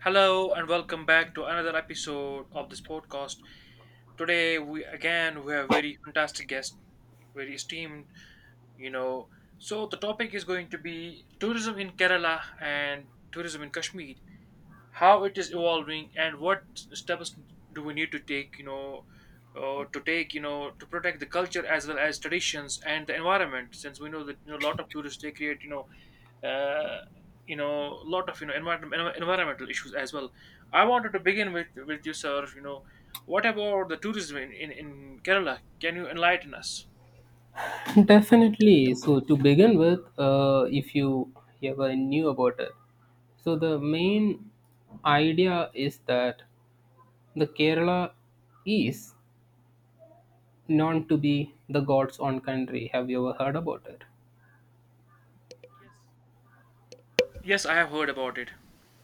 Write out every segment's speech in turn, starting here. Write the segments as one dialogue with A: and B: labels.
A: Hello and welcome back to another episode of this podcast. Today we have very fantastic guest, very esteemed, you know. So the topic is going to be tourism in Kerala and tourism in Kashmir, how it is evolving and what steps do we need to take, you know, to take, you know, to protect the culture as well as traditions and the environment. Since we know that a lot of tourists, they create, uh, a lot of environmental issues as well. I wanted to begin with you, sir. What about the tourism in Kerala? Can you enlighten us?
B: Definitely. So to begin with, if you ever knew about it, so the main idea is that the Kerala is known to be the God's own country. Have you ever heard about it?
A: Yes, yes, I have heard about it.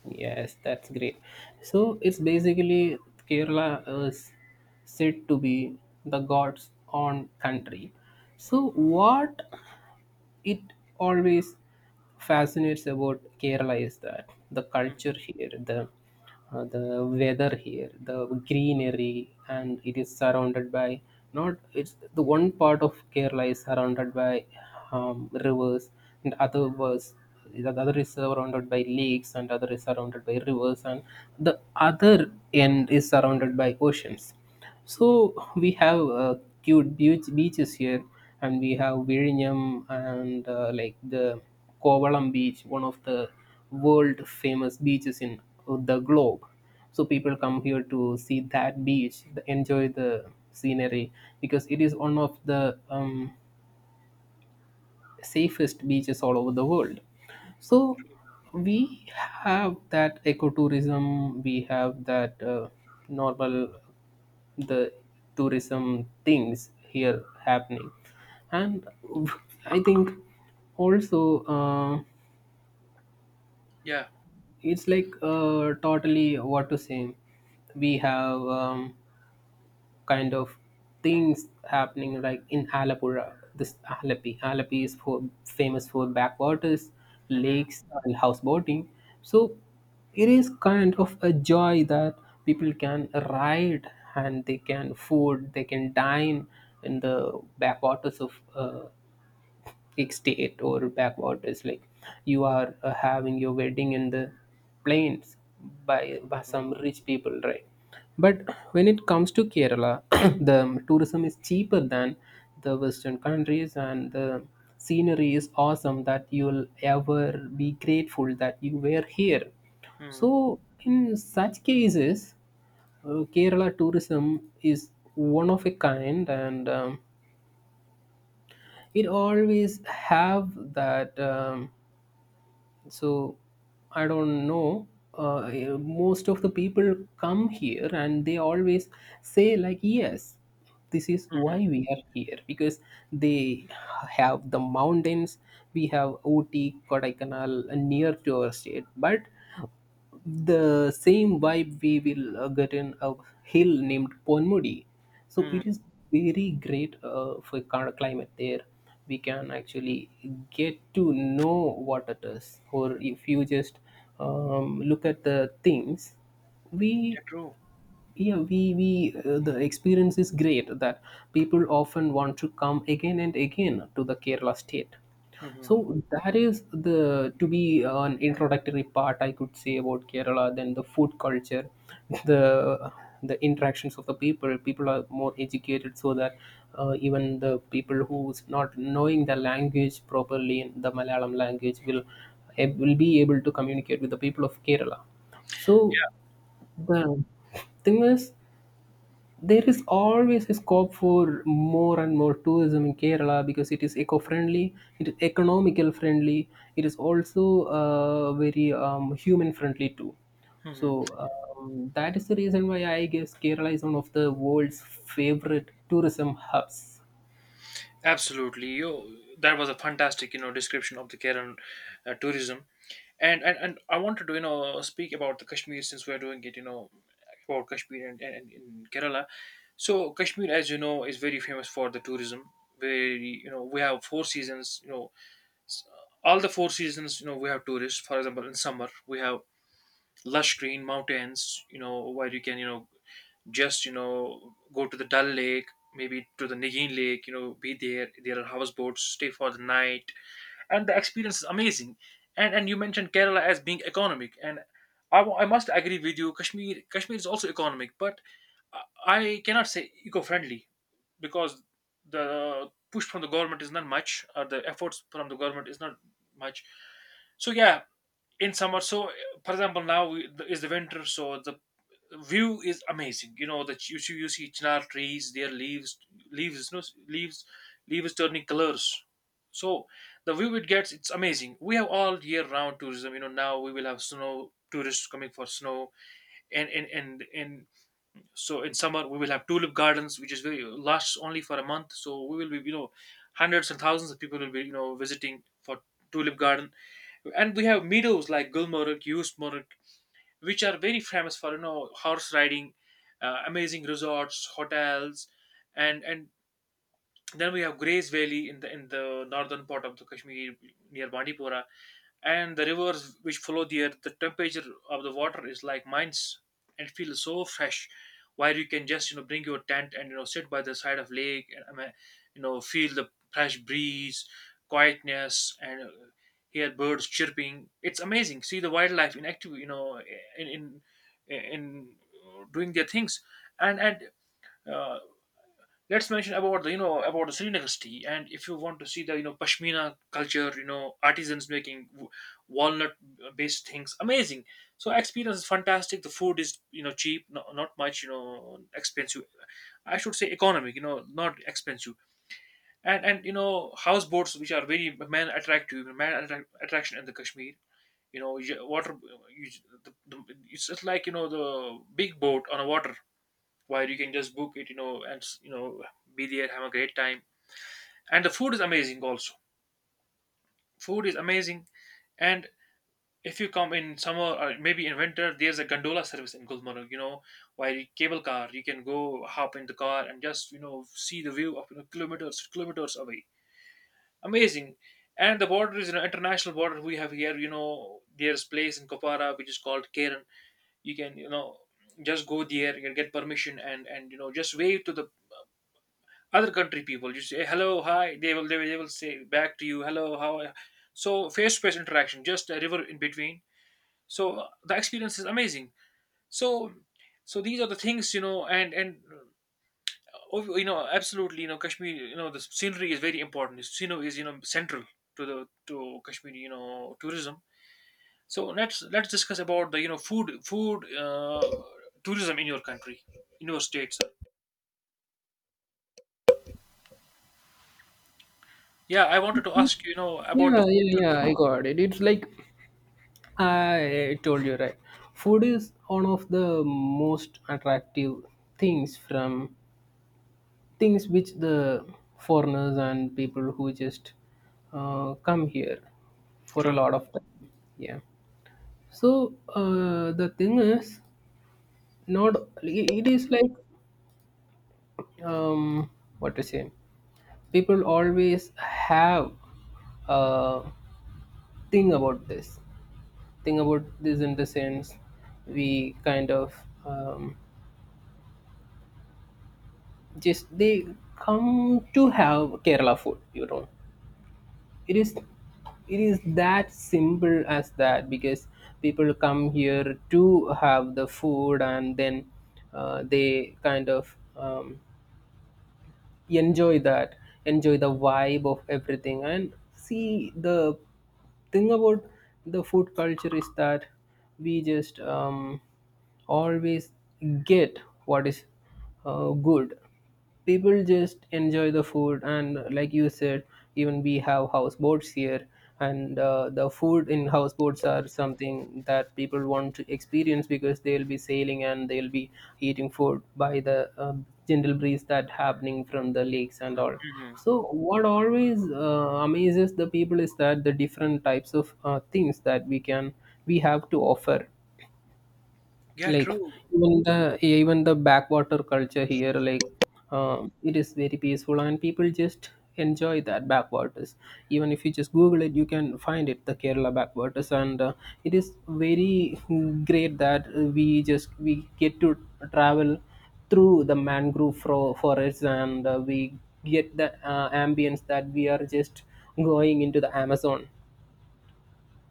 B: Yes, that's great. So it's basically Kerala is said to be the God's own country. So what it always fascinates about Kerala is that the
A: Mm.
B: culture here, the weather here, the greenery, and it is surrounded by not it's the one part of Kerala is surrounded by rivers, and other was the other is surrounded by lakes, and other is surrounded by rivers, and the other end is surrounded by oceans. So we have cute beach, beaches here, and we have Virinam and like the Kovalam beach, one of the world famous beaches in the globe. So people come here to see that beach, enjoy the scenery because it is one of the safest beaches all over the world. So we have that ecotourism, we have that normal the tourism things here happening and I think also
A: Yeah.
B: it's like totally what to say we have kind of things happening like in Halapura. This Halapi is for famous for backwaters,
A: Mhm.
B: lakes, and houseboating. So it is kind of a joy that people can ride and they can food, they can dine in the backwaters of state or backwaters like you are having your wedding in the plains by some rich people right but when it comes to Kerala the tourism is cheaper than the western countries and the scenery is awesome that you'll ever be grateful that you were here
A: Mhm.
B: so, in such cases, Kerala tourism is one of a kind, and it always have that so I don't know most of the people come here and they always say like yes this is why
A: Mhm.
B: we are here because they have the mountains we have Ooty Kodaikanal near to our state but the same vibe we will get in a hill named Ponmudi. So
A: Mhm.
B: it is very great for kind of climate there. We can actually get to know what it is, or if you just look at the things, we
A: Yeah, true.
B: yeah we the experience is great that people often want to come again and again to the Kerala state.
A: Mhm.
B: So that is the to be an introductory part I could say about Kerala, then the food culture the the interactions of the people, people are more educated so that even the people who's not knowing the language properly, the Malayalam language, will will be able to communicate with the people of Kerala. So
A: Yeah.
B: the thing is, there is always a scope for more and more tourism in Kerala because it is eco-friendly, it is economical friendly, it is also very human friendly too. So
A: Mhm.
B: that is the reason why I guess Kerala is one of the world's favorite tourism hubs.
A: Absolutely. You That was a fantastic description of the Kerala tourism. And and I wanted to speak about the Kashmir, since we're doing it, about Kashmir and in Kerala. So Kashmir, as you know, is very famous for the tourism, where we have four seasons, s- all the four seasons, we have tourists. For example, in summer we have lush green mountains, where you can, just go to the Dal Lake, maybe to the Nagin Lake, be there. There are houseboats, stay for the night, and the experience is amazing. And you mentioned Kerala as being economic, and I must agree with you. Kashmir, is also economic, but I cannot say eco-friendly, because the push from the government is not much, or the efforts from the government is not much. So yeah, in summer, so for example, now is the winter. So the view is amazing, that you see chinar trees, their leaves — no, leaves leaves turning colors. So the view, it's amazing. We have all year round tourism, now we will have snow tourists coming for snow. And so in summer we will have tulip gardens, which is very lasts only for a month. So we will be, hundreds and thousands of people will be, visiting for tulip garden. And we have meadows like Gulmarg, Yusmarg, which are very famous for, horse riding, amazing resorts, hotels, and then we have Grace Valley in the northern part of the Kashmir, near Bandipora, and the rivers which follow there, the temperature of the water is like mines and feels so fresh, where you can just, bring your tent and, sit by the side of lake. And I mean, feel the fresh breeze, quietness, and hear birds chirping. It's amazing. See the wildlife in active, in in in doing their things. And and uh, let's mention about the, Srinagar. And if you want to see the, Pashmina culture, artisans making walnut-based things. Amazing. So experience is fantastic. The food is, cheap, no, not much expensive. I should say economic, not expensive. And houseboats, which are very man attractive, man attract, attraction in the Kashmir. Water. You, the, the, it's just like, the big boat on a water, where you can just book it, and, be there, have a great time. And the food is amazing also. Food is amazing. And if you come in summer or maybe in winter, there's a gondola service in Gulmarg, where cable car, you can go hop in the car and just, see the view of, kilometers, kilometers away. Amazing. And the border is an international border we have here, there's place in Kopara which is called Karen. You can, just go there, you can get permission and just wave to the other country people. You say hello, hi, they will, they will say back to you, hello, how are —" So face to face interaction, just a river in between. So the experience is amazing. So so these are the things, and absolutely, Kashmir, the scenery is very important. The scenery is, central to the to Kashmiri, tourism. So let's discuss about the, food tourism in your country, in your states. Yeah, I wanted to ask, about the
B: Yeah,
A: food.
B: yeah, yeah, I got it. It's like I told you, right? Food is one of the most attractive things from things which the foreigners and people who just come here for a
A: True.
B: lot of time, yeah. So the thing is not it is like um, what to say, people always have a thing about this, thing about this, in the sense we kind of um, just they come to have Kerala food, you know. It is it is that simple as that because people come here to have the food and then they kind of enjoy that, enjoy the vibe of everything, and see the thing about the food culture is that we just always get what is good. People just enjoy the food, and like you said, even we have houseboats here, and the food in houseboats are something that people want to experience because they'll be sailing and they'll be eating food by the gentle breeze that happening from the lakes and all.
A: Mm-hmm.
B: So what always amazes the people is that the different types of things that we can we have to offer,
A: Yeah,
B: like
A: true.
B: even the backwater culture here, like it is very peaceful and people just enjoy that backwaters. Even if you just Google it, you can find it the Kerala backwaters, and it is very great that we just we get to travel through the mangrove forests, and we get the ambience that we are just going into the Amazon.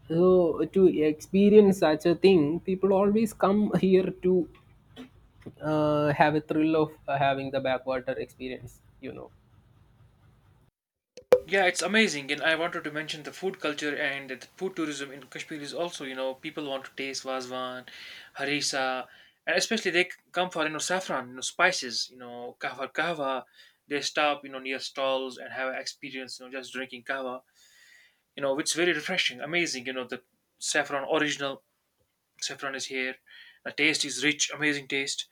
B: So to experience such a thing, people always come here to have a thrill of having the backwater experience, you know.
A: Yeah, it's amazing, and I wanted to mention the food culture and the food tourism in Kashmir is also, people want to taste Vazwan, harissa, and especially they come for, saffron, spices, kahwa. They stop, near stalls and have experience, just drinking kahwa. It's very refreshing, amazing. The saffron original saffron is here. The taste is rich, amazing taste.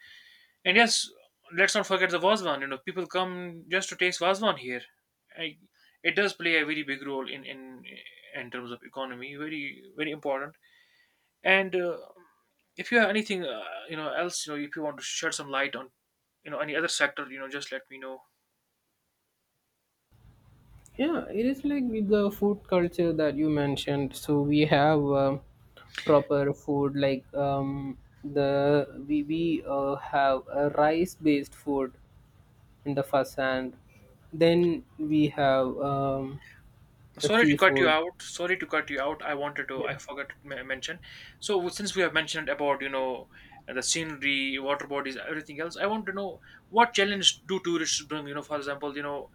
A: And yes, let's not forget the Vazwan. People come just to taste Vazwan here. I, it does play a very big role in in terms of economy. Very very important. And if you have anything, else, if you want to shed some light on, any other sector, just let me know.
B: Yeah, it is like with the food culture that you mentioned, so we have proper food like the we have a rice based food in the first hand, then we have the
A: Sorry to cut you
B: seafood,
A: out. Sorry to cut you out. I wanted to.
B: yeah.
A: I forgot to mention. So since we have mentioned about, the scenery, water bodies, everything else, I want to know what challenge do tourists bring. For example,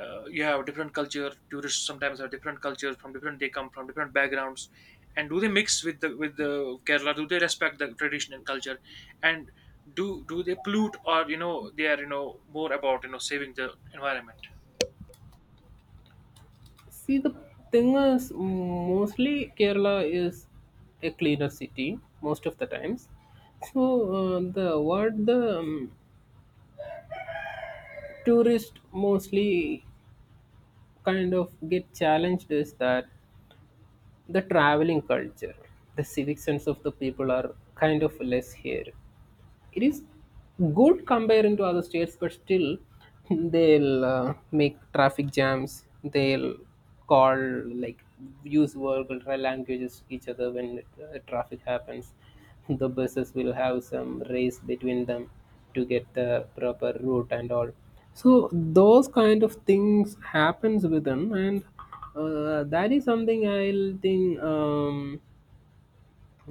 A: you have different culture, tourists sometimes have different cultures from different — they come from different backgrounds, and do they mix with the Kerala? Do they respect the tradition and culture? And do they pollute, or they are, more about, saving the environment?
B: See, the thing is, mostly Kerala is a cleaner city most of the times. So the what the tourist mostly kind of get challenged is that the traveling culture, the civic sense of the people are kind of less here. It is good comparing to other states, but still they'll make traffic jams. They'll call, like, use vulgar languages each other when traffic happens. The buses will have some race between them to get the proper route and all. So those kind of things happens with them, and that is something I'll think.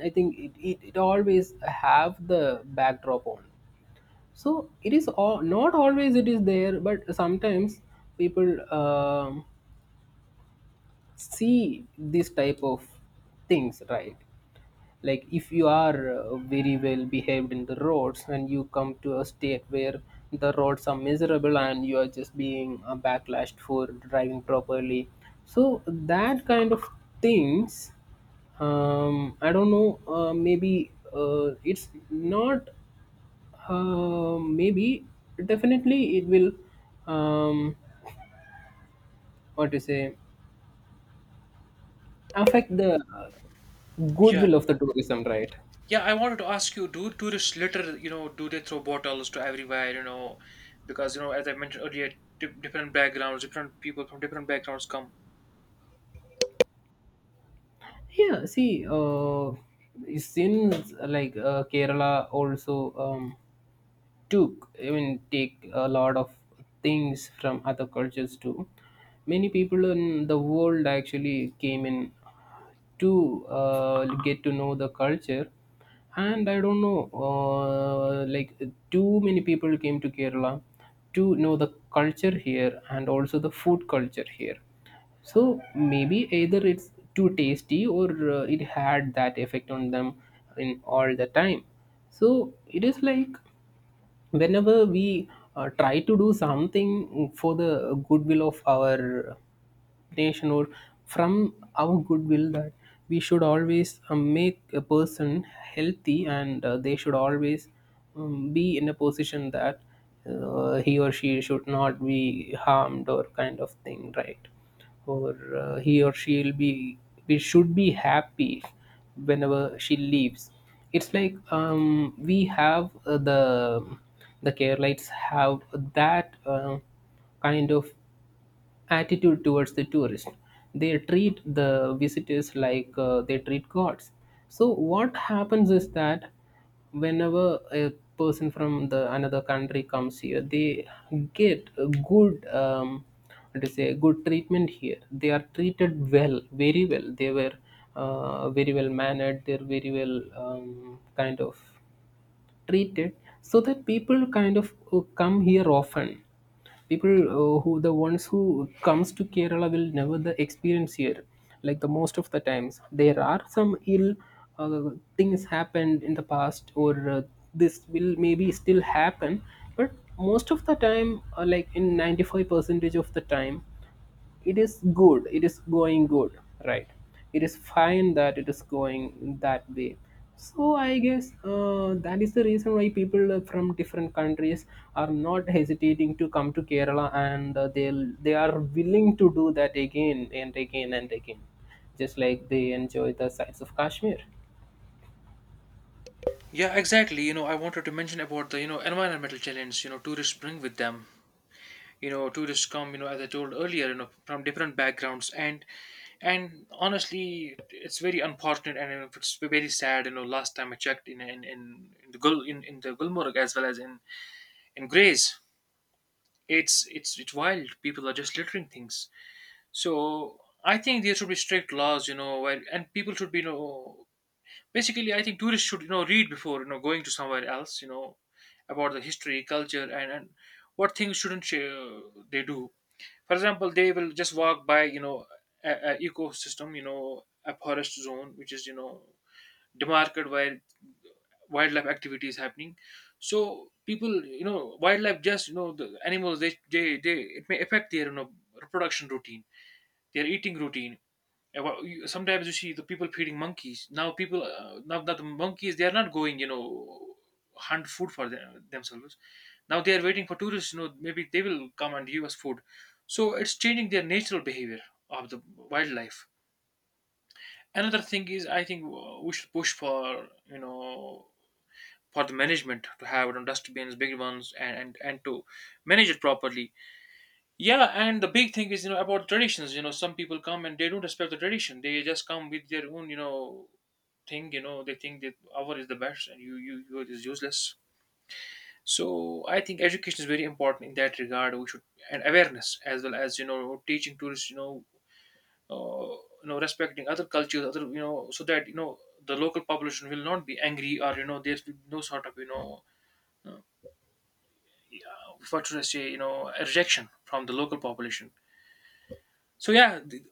B: I think it always have the backdrop on. So it is all, not always it is there but sometimes people see this type of things, right? Like if you are very well behaved in the roads and you come to a state where the roads are miserable and you are just being backlashed for driving properly, so that kind of things, I don't know, maybe it's not maybe definitely it will um what to say affect the
A: Yeah.
B: goodwill of the tourism, right?
A: Yeah, I wanted to ask you, do tourists litter, do they throw bottles to everywhere, because as I mentioned earlier, different backgrounds, different people from different backgrounds come.
B: Yeah, see since like Kerala also um took, I mean take, a lot of things from other cultures too. Many people in the world actually came in to get to know the culture, and I don't know, like too many people came to Kerala to know the culture here and also the food culture here. So maybe either it's too tasty or it had that effect on them in all the time. So it is like whenever we try to do something for the goodwill of our nation, or from our goodwill, that we should always make a person healthy and they should always be in a position that he or she should not be harmed or kind of thing, right? Or he or she will be we should be happy whenever she leaves. It's like we have the care lights have that kind of attitude towards the tourist. They treat the visitors like they treat gods. So what happens is that whenever a person from the another country comes here, they get a good what to say, good treatment here. They are treated well, very well. They were very well mannered, they're very well kind of treated, so that people kind of come here often. People who the ones who comes to Kerala will never the experience here. Like the most of the times, there are some ill uh, things happened in the past or this will maybe still happen, but most of the time like in 95 percentage of the time, it is good, it is going good, right? It is fine that it is going that way. So I guess that is the reason why people from different countries are not hesitating to come to Kerala, and they are willing to do that again and again and again, just like they enjoy the sights of Kashmir.
A: Yeah, exactly, I wanted to mention about the, environmental challenge, tourists bring with them. Tourists come, as I told earlier, from different backgrounds, and honestly, it's very unfortunate, and, it's very sad. Last time I checked in in the Gul, in the Gulmarg, as well as in Grays, it's wild. People are just littering things. So I think there should be strict laws, where, and people should be, basically I think tourists should, read before, going to somewhere else, about the history, culture, and what things shouldn't they do. For example, they will just walk by, a ecosystem, a forest zone which is, demarcated, where wildlife activity is happening. So people, wildlife, just the animals they they, it may affect their, reproduction routine, their eating routine. Yeah, well, sometimes you see the people feeding monkeys. Now people, now that the monkeys, they are not going, hunt food for them, themselves. Now they are waiting for tourists. You know, maybe they will come and give us food. So it's changing their natural behavior of the wildlife. Another thing is, I think we should push for, for the management to have, dustbins, big ones, and to manage it properly. Yeah, and the big thing is, you know, about traditions. You know, some people come and they don't respect the tradition. They just come with their own, thing. You know, they think that our is the best and you is useless. So I think education is very important in that regard. We should, and awareness as well as, you know, teaching tourists, uh, respecting other cultures, other, so that, the local population will not be angry, or, there's no sort of, uh, what should I say, a rejection from the local population. So yeah,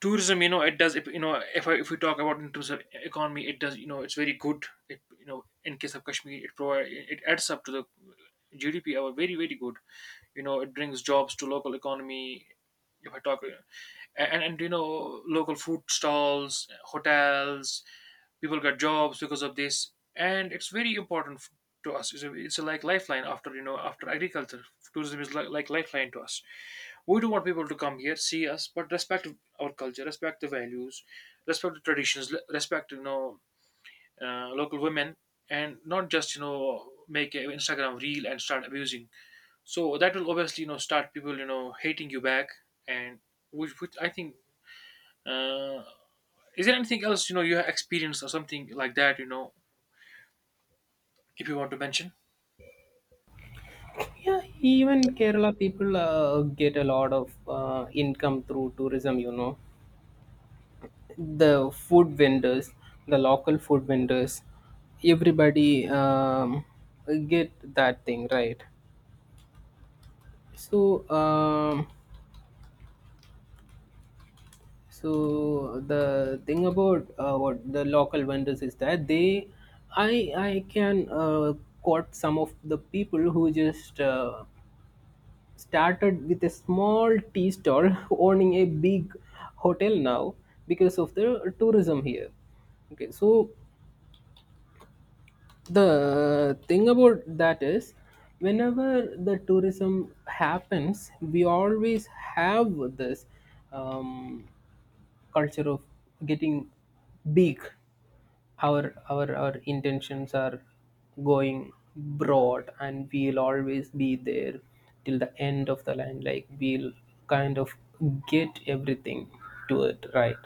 A: tourism, it does. If we talk about in terms of economy, it does, it's very good. It you know In case of kashmir, it adds up to the gdp, our very very good. It brings jobs to local economy. If I talk And local food stalls, hotels, people got jobs because of this, and it's very important to us. It's, it's a like lifeline after after agriculture. Tourism is like lifeline to us. We do want people to come here, see us, but respect our culture, respect the values, respect the traditions, respect, local women, and not just make an Instagram reel and start abusing. So that will obviously start people hating you back, and which I think, uh, is there anything else you have experienced or something like that, if you want to mention.
B: Yeah, even Kerala people get a lot of income through tourism, you know, the food vendors, the local food vendors, everybody get that thing, right. So, so the thing about what the local vendors is that they, I can quote some of the people who just started with a small tea stall owning a big hotel now because of the tourism here. Okay, so the thing about that is, whenever the tourism happens, we always have this um, culture of getting big, our our intentions are going broad, and we'll always be there till the end of the line. Like, we'll kind of get everything to it, right?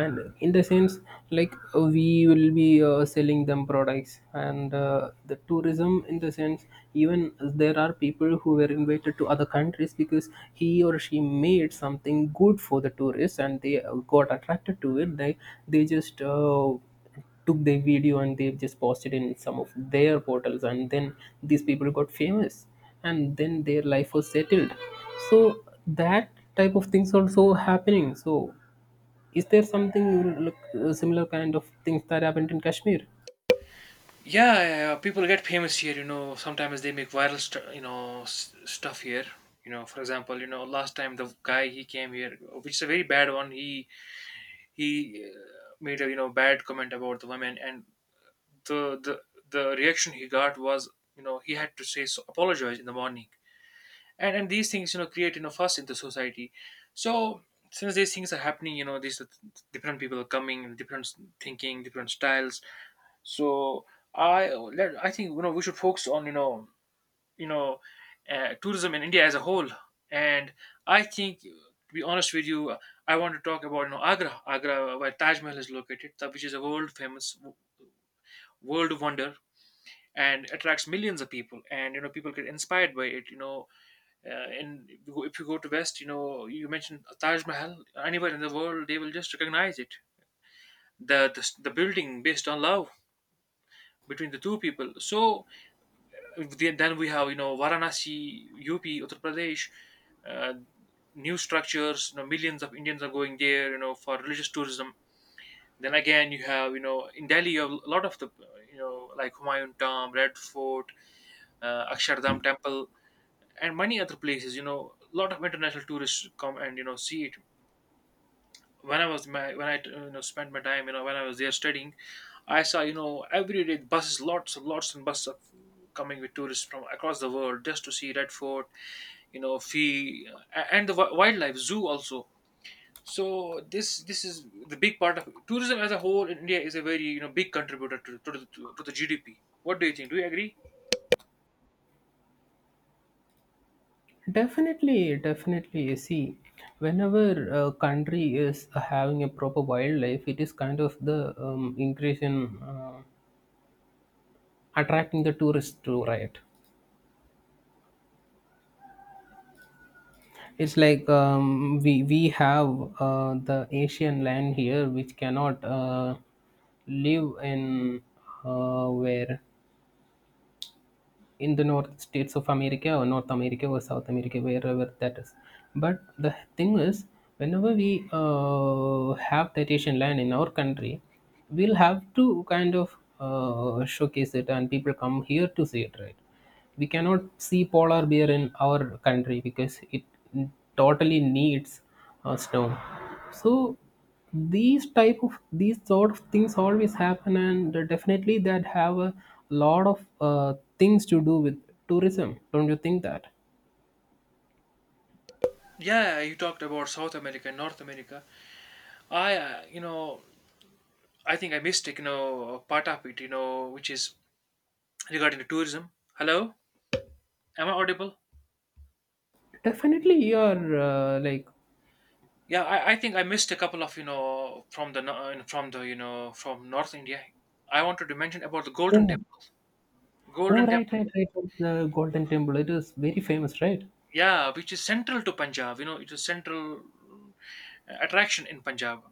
B: And in the sense, like, we will be selling them products, and the tourism, in the sense, even there are people who were invited to other countries because he or she made something good for the tourists and they got attracted to it. They just took their video and they have just posted in some of their portals, and then these people got famous and then their life was settled. So that type of things also happening. So is there something like, similar kind of things that happened in Kashmir?
A: Yeah, yeah, yeah, people get famous here. You know, sometimes they make viral, you know, stuff here. You know, for example, you know, last time the guy, he came here, which is a very bad one. He made a, bad comment about the women, and the the the reaction he got was, you know, he had to apologize in the morning, and these things, you know, create, you know, fuss in the society. So since these things are happening, you know, these are different people are coming, different thinking, different styles. So I think, you know, we should focus on, you know tourism in India as a whole. And I think, to be honest with you, I want to talk about, you know, Agra, where Taj Mahal is located, which is a world famous world wonder and attracts millions of people. And you know, people get inspired by it. You know, and if you go to West, you know, you mentioned Taj Mahal. Anywhere in the world, they will just recognize it. The building based on love between the two people. So then we have, you know, Varanasi, UP, Uttar Pradesh, uh, new structures. You know, millions of Indians are going there. You know, for religious tourism. Then again, you have, you know, in Delhi, you have a lot of the, you know, like Humayun Tomb, Red Fort, Akshardham Temple, and many other places. You know, a lot of international tourists come and, you know, see it. When I, you know, spent my time, you know, when I was there studying, I saw, you know, every day buses, lots and lots and buses of coming with tourists from across the world just to see Red Fort, you know Fee and the wildlife zoo also. So this is the big part of tourism as a whole in India, is a very, you know, big contributor to to the GDP. What do you think? Do you agree?
B: Definitely, definitely. See, whenever a country is having a proper wildlife, it is kind of the increase in attracting the tourists to, right. It's like, we have the Asian land here, which cannot live in, where in the North States of America or North America or South America, wherever that is. But the thing is, whenever we have that Asian land in our country, we'll have to kind of showcase it, and people come here to see it, right? We cannot see polar bear in our country because it totally needs snow. So these type of, these sort of things always happen, and definitely that have a lot of things to do with tourism, don't you think that?
A: Yeah, you talked about South America and North America. I, you know, I think I missed, you know, part of it, you know, which is regarding the tourism. Hello, am I audible?
B: Definitely, you're like.
A: Yeah, I think I missed a couple of, you know, from the from the, you know, from North India. I wanted to mention about the Golden Temple.
B: Oh. Oh,
A: Golden
B: right,
A: Temple,
B: right, right, right, the Golden Temple, it is very famous, right.
A: yeah, which is central to Punjab. You know, it is central attraction in Punjab.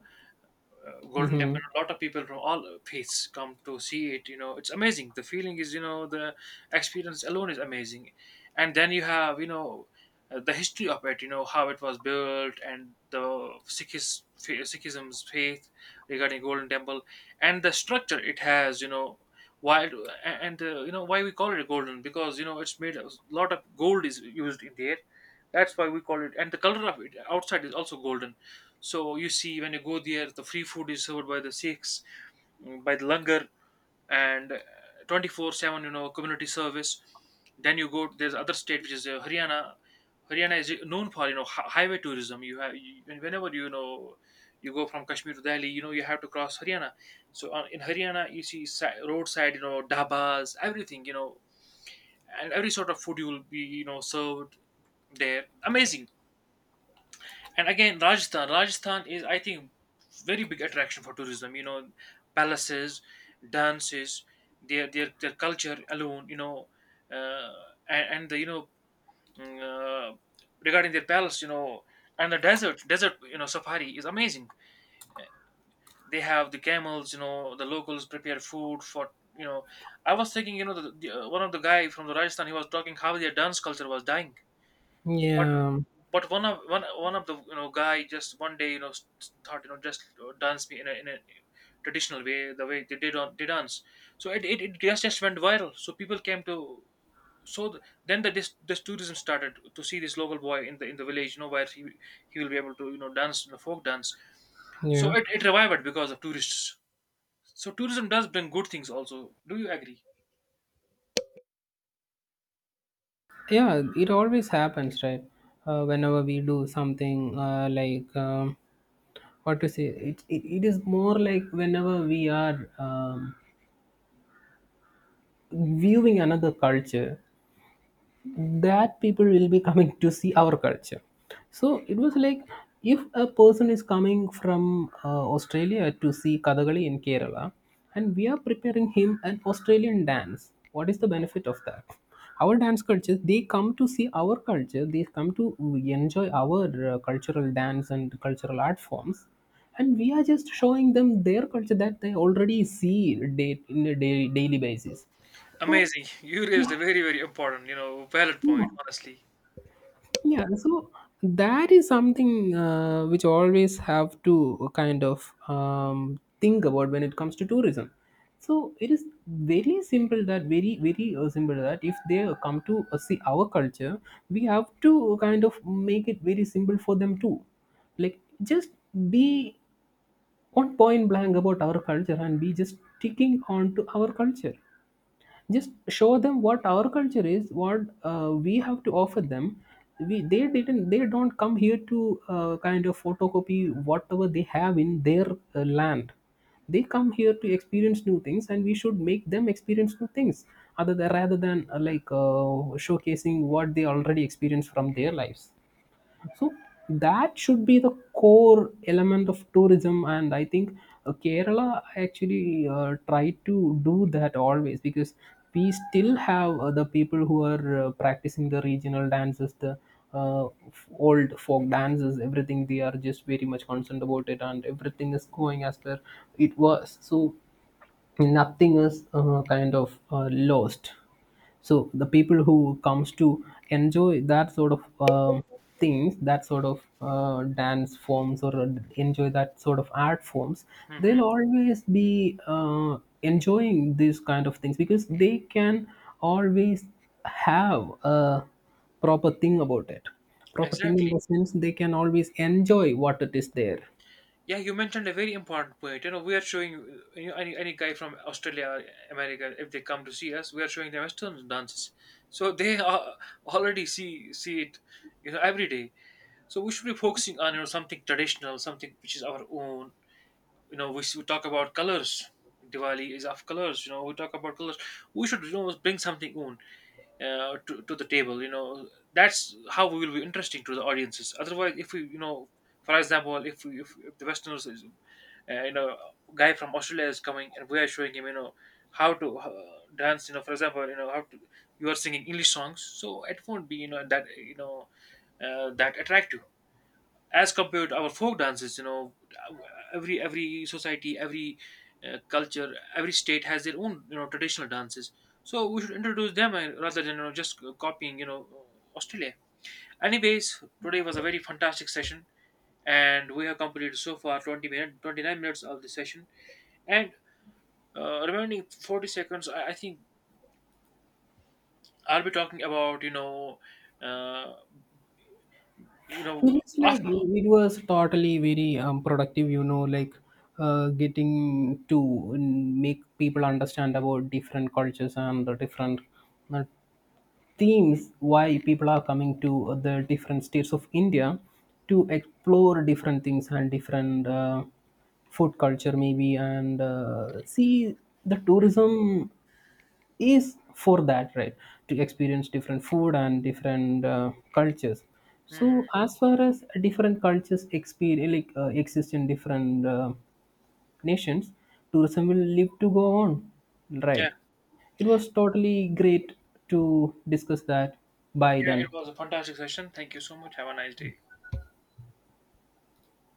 A: Golden
B: Mm-hmm.
A: Temple. A lot of people from all faiths come to see it. You know, it's amazing. The feeling is, you know, the experience alone is amazing. And then you have, you know, the history of it. You know how it was built and the Sikhism's faith regarding Golden Temple and the structure it has. You know. And, you know, why we call it golden, because, you know, it's made a lot of gold is used in there, that's why we call it. And the color of it outside is also golden. So you see, when you go there, the free food is served by the Sikhs, by the langar, and 24/7, you know, community service. Then you go. There's other state, which is, Haryana. Haryana is, known for, you know, highway tourism. Whenever, you know, you go from Kashmir to Delhi, you know, you have to cross Haryana. So in Haryana, you see, roadside, you know, dabas, everything, you know, and every sort of food you will be, you know, served there. Amazing. And again, rajasthan is, I think, very big attraction for tourism. You know, palaces, dances, their culture alone, you know, uh, and the, you know, mm, uh, regarding their palace, you know, and the desert, you know, safari is amazing. They have the camels, you know, the locals prepare food for, you know. I was thinking, you know, one of the guy from the rajasthan, he was talking how their dance culture was dying. But
B: Yeah.
A: but one of, one of the, you know, guy just one day, you know, thought, you know, just, dance me in a traditional way, the way they did on they dance. So it just went viral, so people came to. So then the this tourism started to see this local boy in the village, you know, where he will be able to, you know, dance, you know, folk dance. So
B: Yeah,
A: it revived because of tourists. So tourism does bring good things also. Do you agree?
B: yeah, it always happens, right. Whenever we do something like, what to say, it is more like whenever we are, viewing another culture, that people will be coming to see our culture. So it was like, if a person is coming from Australia to see Kathakali in Kerala, and we are preparing him an Australian dance, what is the benefit of that? Our dance culture, they come to see our culture, they come to enjoy our cultural dance and cultural art forms, and we are just showing them their culture that they already see day, in a day, daily basis. So
A: Amazing. You raised
B: yeah,
A: a very very important, you know, valid point
B: yeah.
A: honestly.
B: Yeah, so that is something which always have to kind of think about when it comes to tourism. So it is very simple, that very very simple, that if they come to see our culture, we have to kind of make it very simple for them too. Like, just be on point blank about our culture and be just sticking on to our culture. Just show them what our culture is, what we have to offer them. We, they didn't, they don't come here to kind of photocopy whatever they have in their land. They come here to experience new things, and we should make them experience new things, other than, rather than like showcasing what they already experience from their lives. So that should be the core element of tourism, and I think Kerala actually try to do that always, because we still have the people who are practicing the regional dances, the old folk dances, everything. They are just very much concerned about it, and everything is going as per it was. So nothing is kind of lost. So the people who comes to enjoy that sort of things, that sort
A: Hmm.
B: of dance forms or enjoy that sort of art forms,
A: Hmm, hmm.
B: they'll always be enjoying these kind of things, because they can always have a proper thing about it. Proper thing
A: Exactly.
B: in the sense, they can always enjoy what it is there.
A: Yeah, you mentioned a very important point. You know, we are showing, you know, any guy from Australia or America, if they come to see us, we are showing them Western dances. So they are already see it, you know, every day. So we should be focusing on, you know, something traditional, something which is our own. You know, we talk about colors. Diwali is of colors. You know, we talk about colors. We should, you know, bring something own, to the table. You know, that's how we will be interesting to the audiences. Otherwise, if we, you know, for example, if, we, if the Westerners is, you know, guy from australia is coming and we are showing him, you know, how to, dance, you know, for example, you know, how to, you are singing english songs, so it won't be, you know, that, you know, that attractive as compared to our folk dances. You know, every society, every, culture, every state has their own, you know, traditional dances. So we should introduce them, rather than, you know, just copying, you know, australia. Anyways, today was a very fantastic session, and we have completed so far 20 minutes, 29 minutes of the session. And, remaining 40 seconds, I think I'll be talking about, you know, uh, you know,
B: It is like,
A: after.
B: it was totally very productive, you know, like getting to make people understand about different cultures and the different uh, themes, why people are coming to the different states of India to explore different things and different food culture maybe, and see, the tourism is for that, right? To experience different food and different cultures.
A: Mhm.
B: So as far as different cultures experience like exist in different nations, tourism will live to go on.
A: Yeah.
B: Right. It was totally great to discuss that. Bye
A: Yeah, it
B: then.
A: was a fantastic session. Thank you so much, have a nice day.